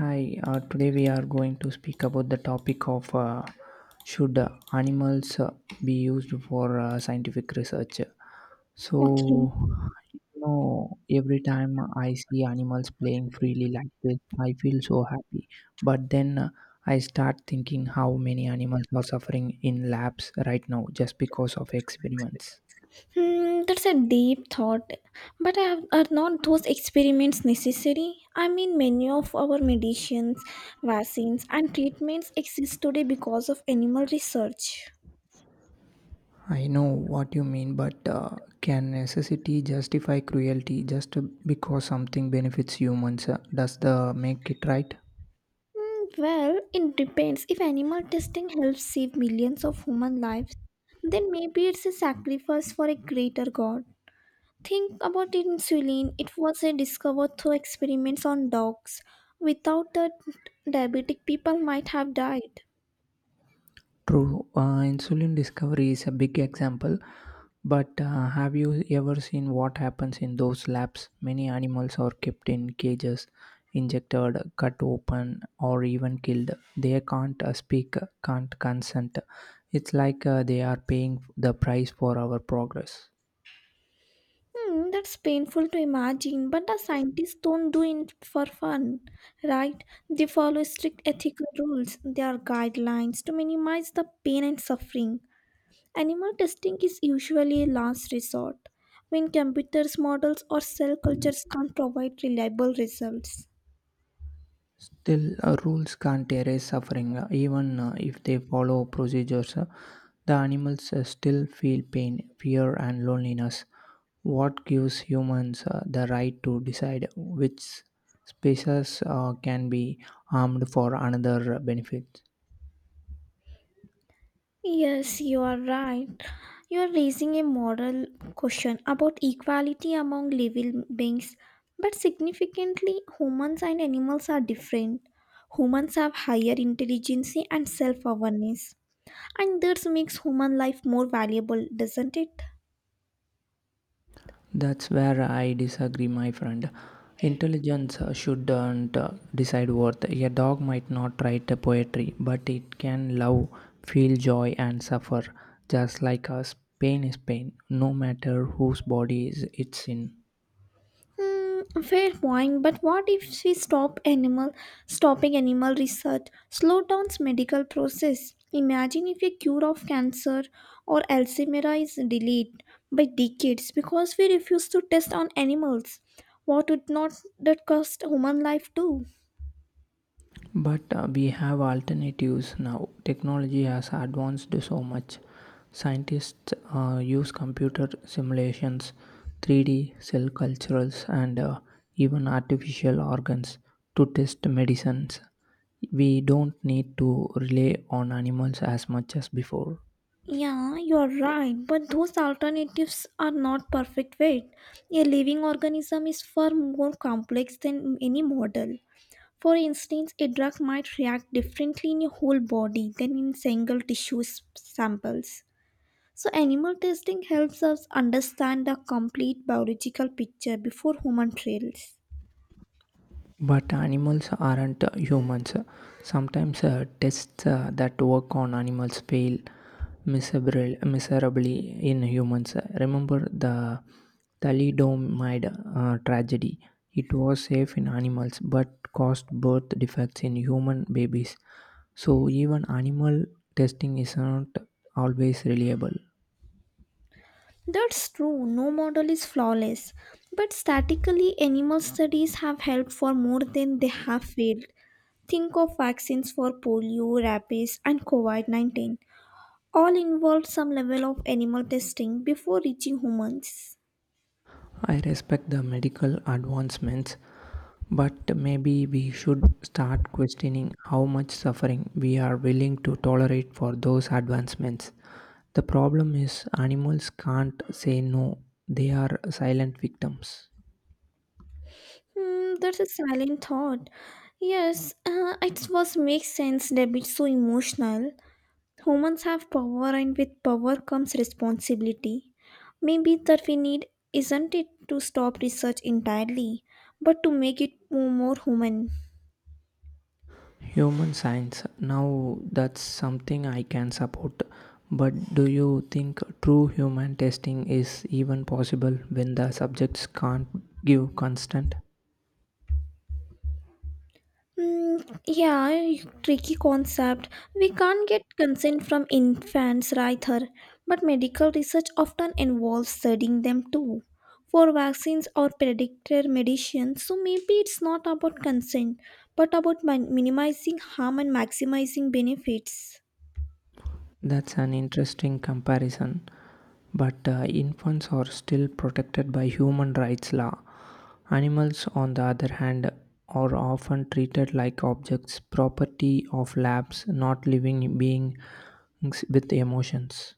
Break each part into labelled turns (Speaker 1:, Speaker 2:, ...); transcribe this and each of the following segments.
Speaker 1: Hi, today we are going to speak about the topic of should animals be used for scientific research. So,
Speaker 2: Okay.
Speaker 1: you know, every time I see animals playing freely like this, I feel so happy. But then I start thinking how many animals are suffering in labs right now just because of experiments.
Speaker 2: That's a deep thought. But are not those experiments necessary? I mean, many of our medicines, vaccines, and treatments exist today because of animal research.
Speaker 1: I know what you mean, but can necessity justify cruelty just because something benefits humans? Does the make it right?
Speaker 2: Well, it depends. If animal testing helps save millions of human lives, then maybe it's a sacrifice for a greater good. Think about insulin. It was a discovered through experiments on dogs. Without that, diabetic people might have died.
Speaker 1: True, insulin discovery is a big example, but have you ever seen what happens in those labs? Many animals are kept in cages, injected, cut open, or even killed. They can't speak, can't consent. It's like they are paying the price for our progress.
Speaker 2: That's painful to imagine, but the scientists don't do it for fun, right? They follow strict ethical rules. There are guidelines to minimize the pain and suffering. Animal testing is usually a last resort when computers, models, or cell cultures can't provide reliable results.
Speaker 1: Still, rules can't erase suffering. Even if they follow procedures, the animals still feel pain, fear, and loneliness. What gives humans the right to decide which species can be harmed for another benefit?
Speaker 2: Yes, you are right. You are raising a moral question about equality among living beings, but significantly, humans and animals are different. Humans have higher intelligence and self awareness, and this makes human life more valuable, doesn't it?
Speaker 1: That's where I disagree, my friend. Intelligence shouldn't decide worth. A dog might not write a poetry, but it can love, feel joy, and suffer. Just like us, pain is pain, no matter whose body is it's in.
Speaker 2: Fair point, but what if we stopping animal research slow down medical process? Imagine if a cure of cancer or Alzheimer's is delayed by decades because we refuse to test on animals. What would not that cost human life too?
Speaker 1: But we have alternatives now. Technology has advanced so much. Scientists use computer simulations, 3D cell cultures, and even artificial organs to test medicines. We don't need to rely on animals as much as before.
Speaker 2: Yeah, you're right, but those alternatives are not perfect weight. A living organism is far more complex than any model. For instance, a drug might react differently in your whole body than in single samples. So, animal testing helps us understand the complete biological picture before human trials.
Speaker 1: But animals aren't humans. Sometimes tests that work on animals fail miserably in humans. Remember the thalidomide tragedy. It was safe in animals but caused birth defects in human babies. So even animal testing is not always reliable.
Speaker 2: That's true, no model is flawless. But statistically, animal studies have helped for more than they have failed. Think of vaccines for polio, rabies, and COVID -19. All involved some level of animal testing before reaching humans.
Speaker 1: I respect the medical advancements, but maybe we should start questioning how much suffering we are willing to tolerate for those advancements. The problem is, animals can't say no, they are silent victims.
Speaker 2: That's a silent thought. Yes, it was makes sense that it's so emotional. Humans have power, and with power comes responsibility. Maybe that we need isn't it to stop research entirely, but to make it more human.
Speaker 1: Human science. Now, that's something I can support. But do you think true human testing is even possible when the subjects can't give consent?
Speaker 2: Mm, yeah, tricky concept. We can't get consent from infants, either, but medical research often involves studying them too for vaccines or predicted medicines. So maybe it's not about consent, but about minimizing harm and maximizing benefits.
Speaker 1: That's an interesting comparison. But infants are still protected by human rights law. Animals, on the other hand, are often treated like objects, property of labs, not living beings with emotions.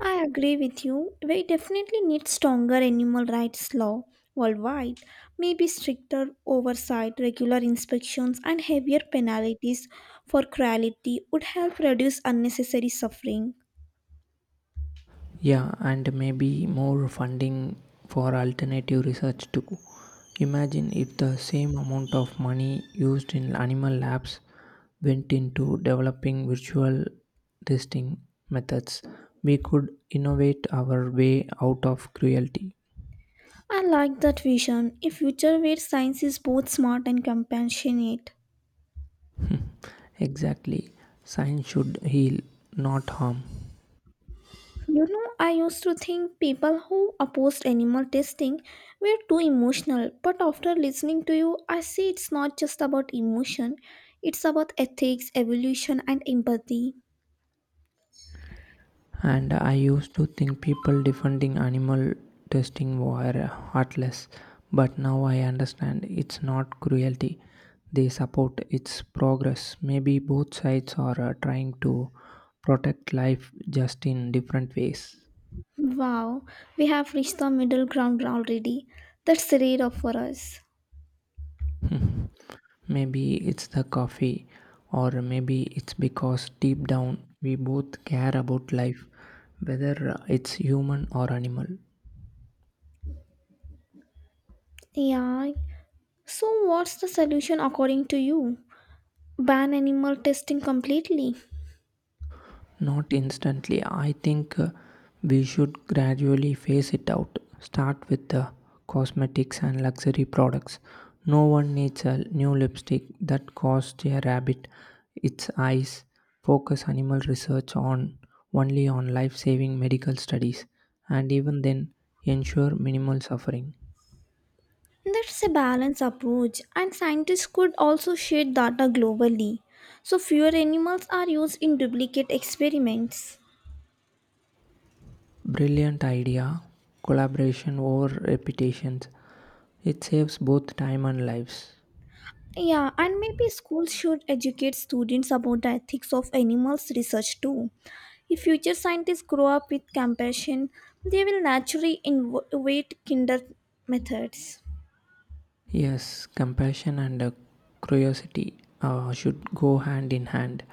Speaker 2: I agree with you. We definitely need stronger animal rights law worldwide. Maybe stricter oversight, regular inspections, and heavier penalties for cruelty would help reduce unnecessary suffering.
Speaker 1: Yeah, and maybe more funding for alternative research too. Imagine if the same amount of money used in animal labs went into developing virtual testing methods. We could innovate our way out of cruelty.
Speaker 2: I like that vision. A future where science is both smart and compassionate.
Speaker 1: Exactly. Science should heal, not harm.
Speaker 2: You know, I used to think people who opposed animal testing were too emotional, but after listening to you, I see it's not just about emotion, it's about ethics, evolution, and empathy.
Speaker 1: And I used to think people defending animal testing were heartless, but now I understand it's not cruelty they support, its progress. Maybe both sides are trying to protect life, just in different ways.
Speaker 2: Wow, we have reached the middle ground already. That's rare of for us.
Speaker 1: Maybe it's the coffee, or maybe it's because deep down we both care about life, whether it's human or animal.
Speaker 2: Yeah. So, what's the solution according to you? Ban animal testing completely?
Speaker 1: Not instantly. I think we should gradually phase it out. Start with the cosmetics and luxury products. No one needs a new lipstick that costs a rabbit its eyes. Focus animal research on only on life-saving medical studies, and even then ensure minimal suffering.
Speaker 2: That's a balanced approach, and scientists could also share data globally so fewer animals are used in duplicate experiments.
Speaker 1: Brilliant idea. Collaboration over reputations. It saves both time and lives.
Speaker 2: Yeah, and maybe schools should educate students about the ethics of animals research too. If future scientists grow up with compassion, they will naturally innovate kinder methods.
Speaker 1: Yes, compassion and curiosity should go hand in hand.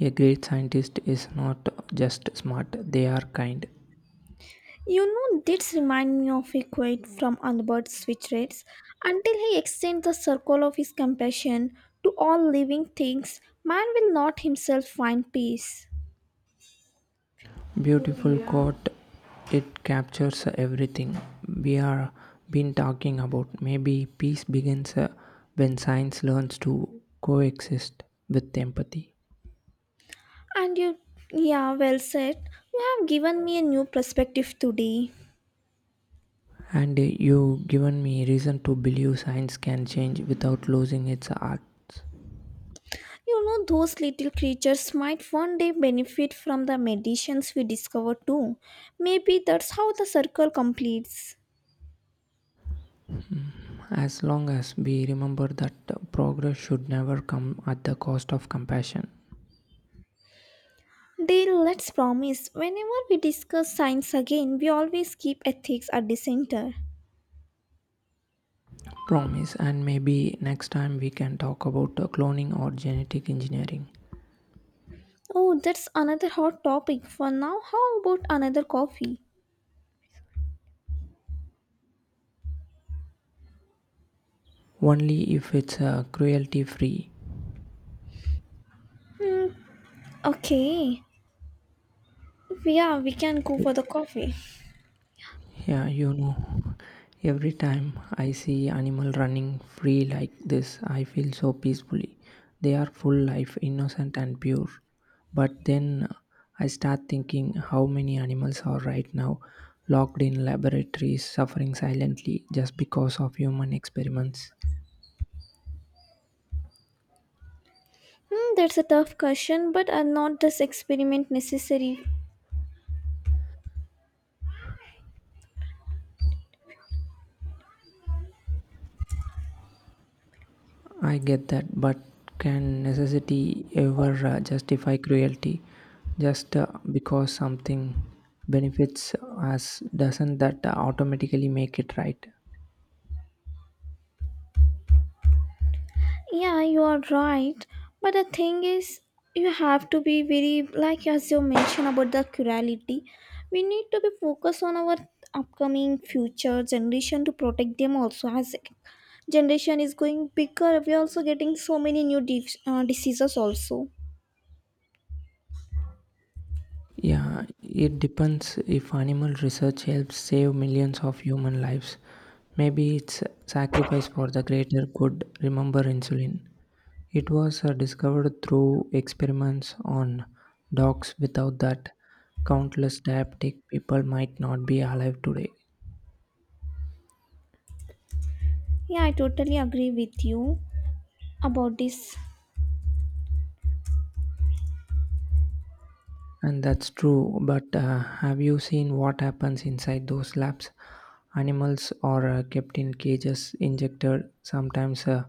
Speaker 1: A great scientist is not just smart, they are kind.
Speaker 2: You know, this reminds me of a quote from Albert Schweitzer. Until he extends the circle of his compassion to all living things, man will not himself find peace.
Speaker 1: Beautiful quote, it captures everything we are been talking about. Maybe peace begins when science learns to coexist with empathy.
Speaker 2: And you, yeah, well said. You have given me a new perspective today.
Speaker 1: And you given me reason to believe science can change without losing its art.
Speaker 2: You know, those little creatures might one day benefit from the medicines we discover too. Maybe that's how the circle completes.
Speaker 1: As long as we remember that progress should never come at the cost of compassion.
Speaker 2: Deal, let's promise. Whenever we discuss science again, we always keep ethics at the center.
Speaker 1: Promise, and maybe next time we can talk about cloning or genetic engineering.
Speaker 2: Oh, that's another hot topic. For now, how about another coffee?
Speaker 1: Only if it's cruelty free.
Speaker 2: Hmm. Okay. Yeah, we can go for the coffee.
Speaker 1: Yeah, you know, every time I see animal running free like this, I feel so peacefully. They are full life, innocent and pure. But then I start thinking how many animals are right now locked in laboratories, suffering silently just because of human experiments.
Speaker 2: That's a tough question, but are not this experiment necessary?
Speaker 1: I get that, but can necessity ever justify cruelty? Just because something benefits us, doesn't that automatically make it right?
Speaker 2: Yeah, you are right. But the thing is, you have to be very, like as you mentioned about the plurality, we need to be focused on our upcoming future generation to protect them also as generation is going bigger. We are also getting so many new diseases also.
Speaker 1: Yeah, it depends if animal research helps save millions of human lives. Maybe it's sacrifice for the greater good. Remember insulin. It was discovered through experiments on dogs, without that countless diabetic people might not be alive today.
Speaker 2: Yeah, I totally agree with you about this.
Speaker 1: And that's true, but have you seen what happens inside those labs? Animals are kept in cages, injected, sometimes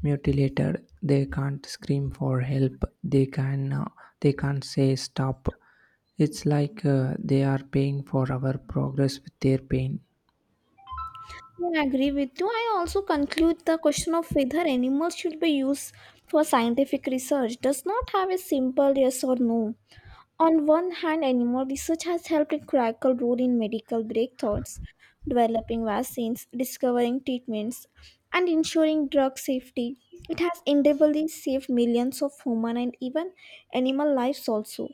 Speaker 1: mutilated. They can't scream for help. They can't say stop. It's like they are paying for our progress with their pain.
Speaker 2: Yeah, I agree with you. I also conclude the question of whether animals should be used for scientific research does not have a simple yes or no. On one hand, animal research has helped crack a critical role in medical breakthroughs, developing vaccines, discovering treatments, and ensuring drug safety. It has inevitably saved millions of human and even animal lives also.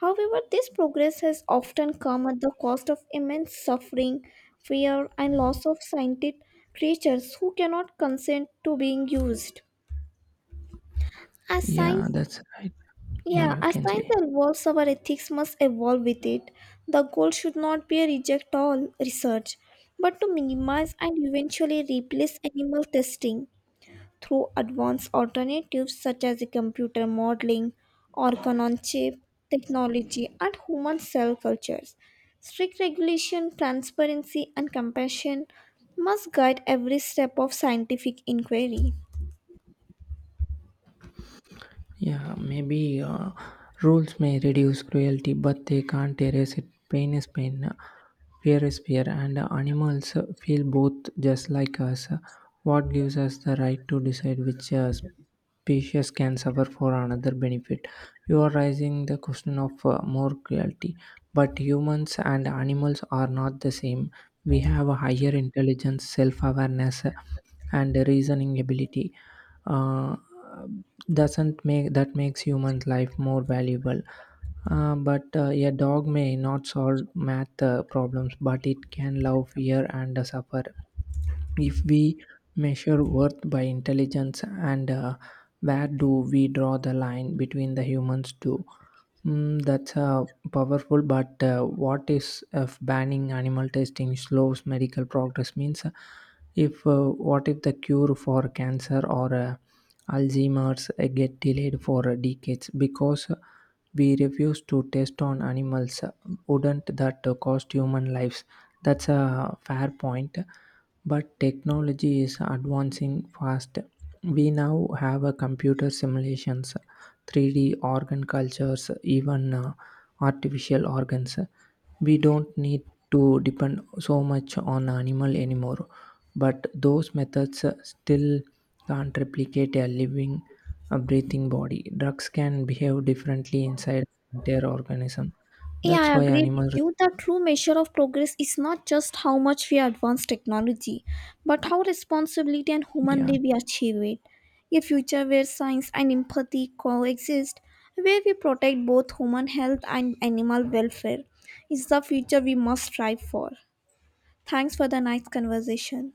Speaker 2: However, this progress has often come at the cost of immense suffering, fear, and loss of scientific creatures who cannot consent to being used. As
Speaker 1: Yeah,
Speaker 2: science
Speaker 1: that's right. Yeah,
Speaker 2: yeah,
Speaker 1: you
Speaker 2: as
Speaker 1: can
Speaker 2: science
Speaker 1: say.
Speaker 2: evolves, our ethics must evolve with it. The goal should not be a reject all research, but to minimize and eventually replace animal testing through advanced alternatives such as computer modeling, organ on chip technology, and human cell cultures. Strict regulation, transparency, and compassion must guide every step of scientific inquiry.
Speaker 1: Yeah, maybe rules may reduce cruelty, but they can't erase it. Pain is pain, fear is fear, and animals feel both just like us. What gives us the right to decide which species can suffer for another benefit? You are raising the question of more cruelty, but humans and animals are not the same. We have a higher intelligence, self awareness, and reasoning ability uh, doesn't make that makes human life more valuable, but a dog may not solve math problems, but it can love, fear, and suffer. If we measure worth by intelligence and where do we draw the line between the humans too? Mm, that's powerful, but what is if banning animal testing slows medical progress? Means, if what if the cure for cancer or Alzheimer's get delayed for decades because we refuse to test on animals? Wouldn't that cost human lives? That's a fair point, but technology is advancing fast. We now have a computer simulations, 3D organ cultures, even artificial organs. We don't need to depend so much on animal anymore, but those methods still can't replicate a living, a breathing body. Drugs can behave differently inside their organism.
Speaker 2: Yeah,
Speaker 1: That's
Speaker 2: I
Speaker 1: why
Speaker 2: agree with
Speaker 1: animal,
Speaker 2: you. The true measure of progress is not just how much we advance technology, but how responsibility and
Speaker 1: yeah.
Speaker 2: humanly we achieve it. A future where science and empathy coexist, where we protect both human health and animal welfare, is the future we must strive for. Thanks for the nice conversation.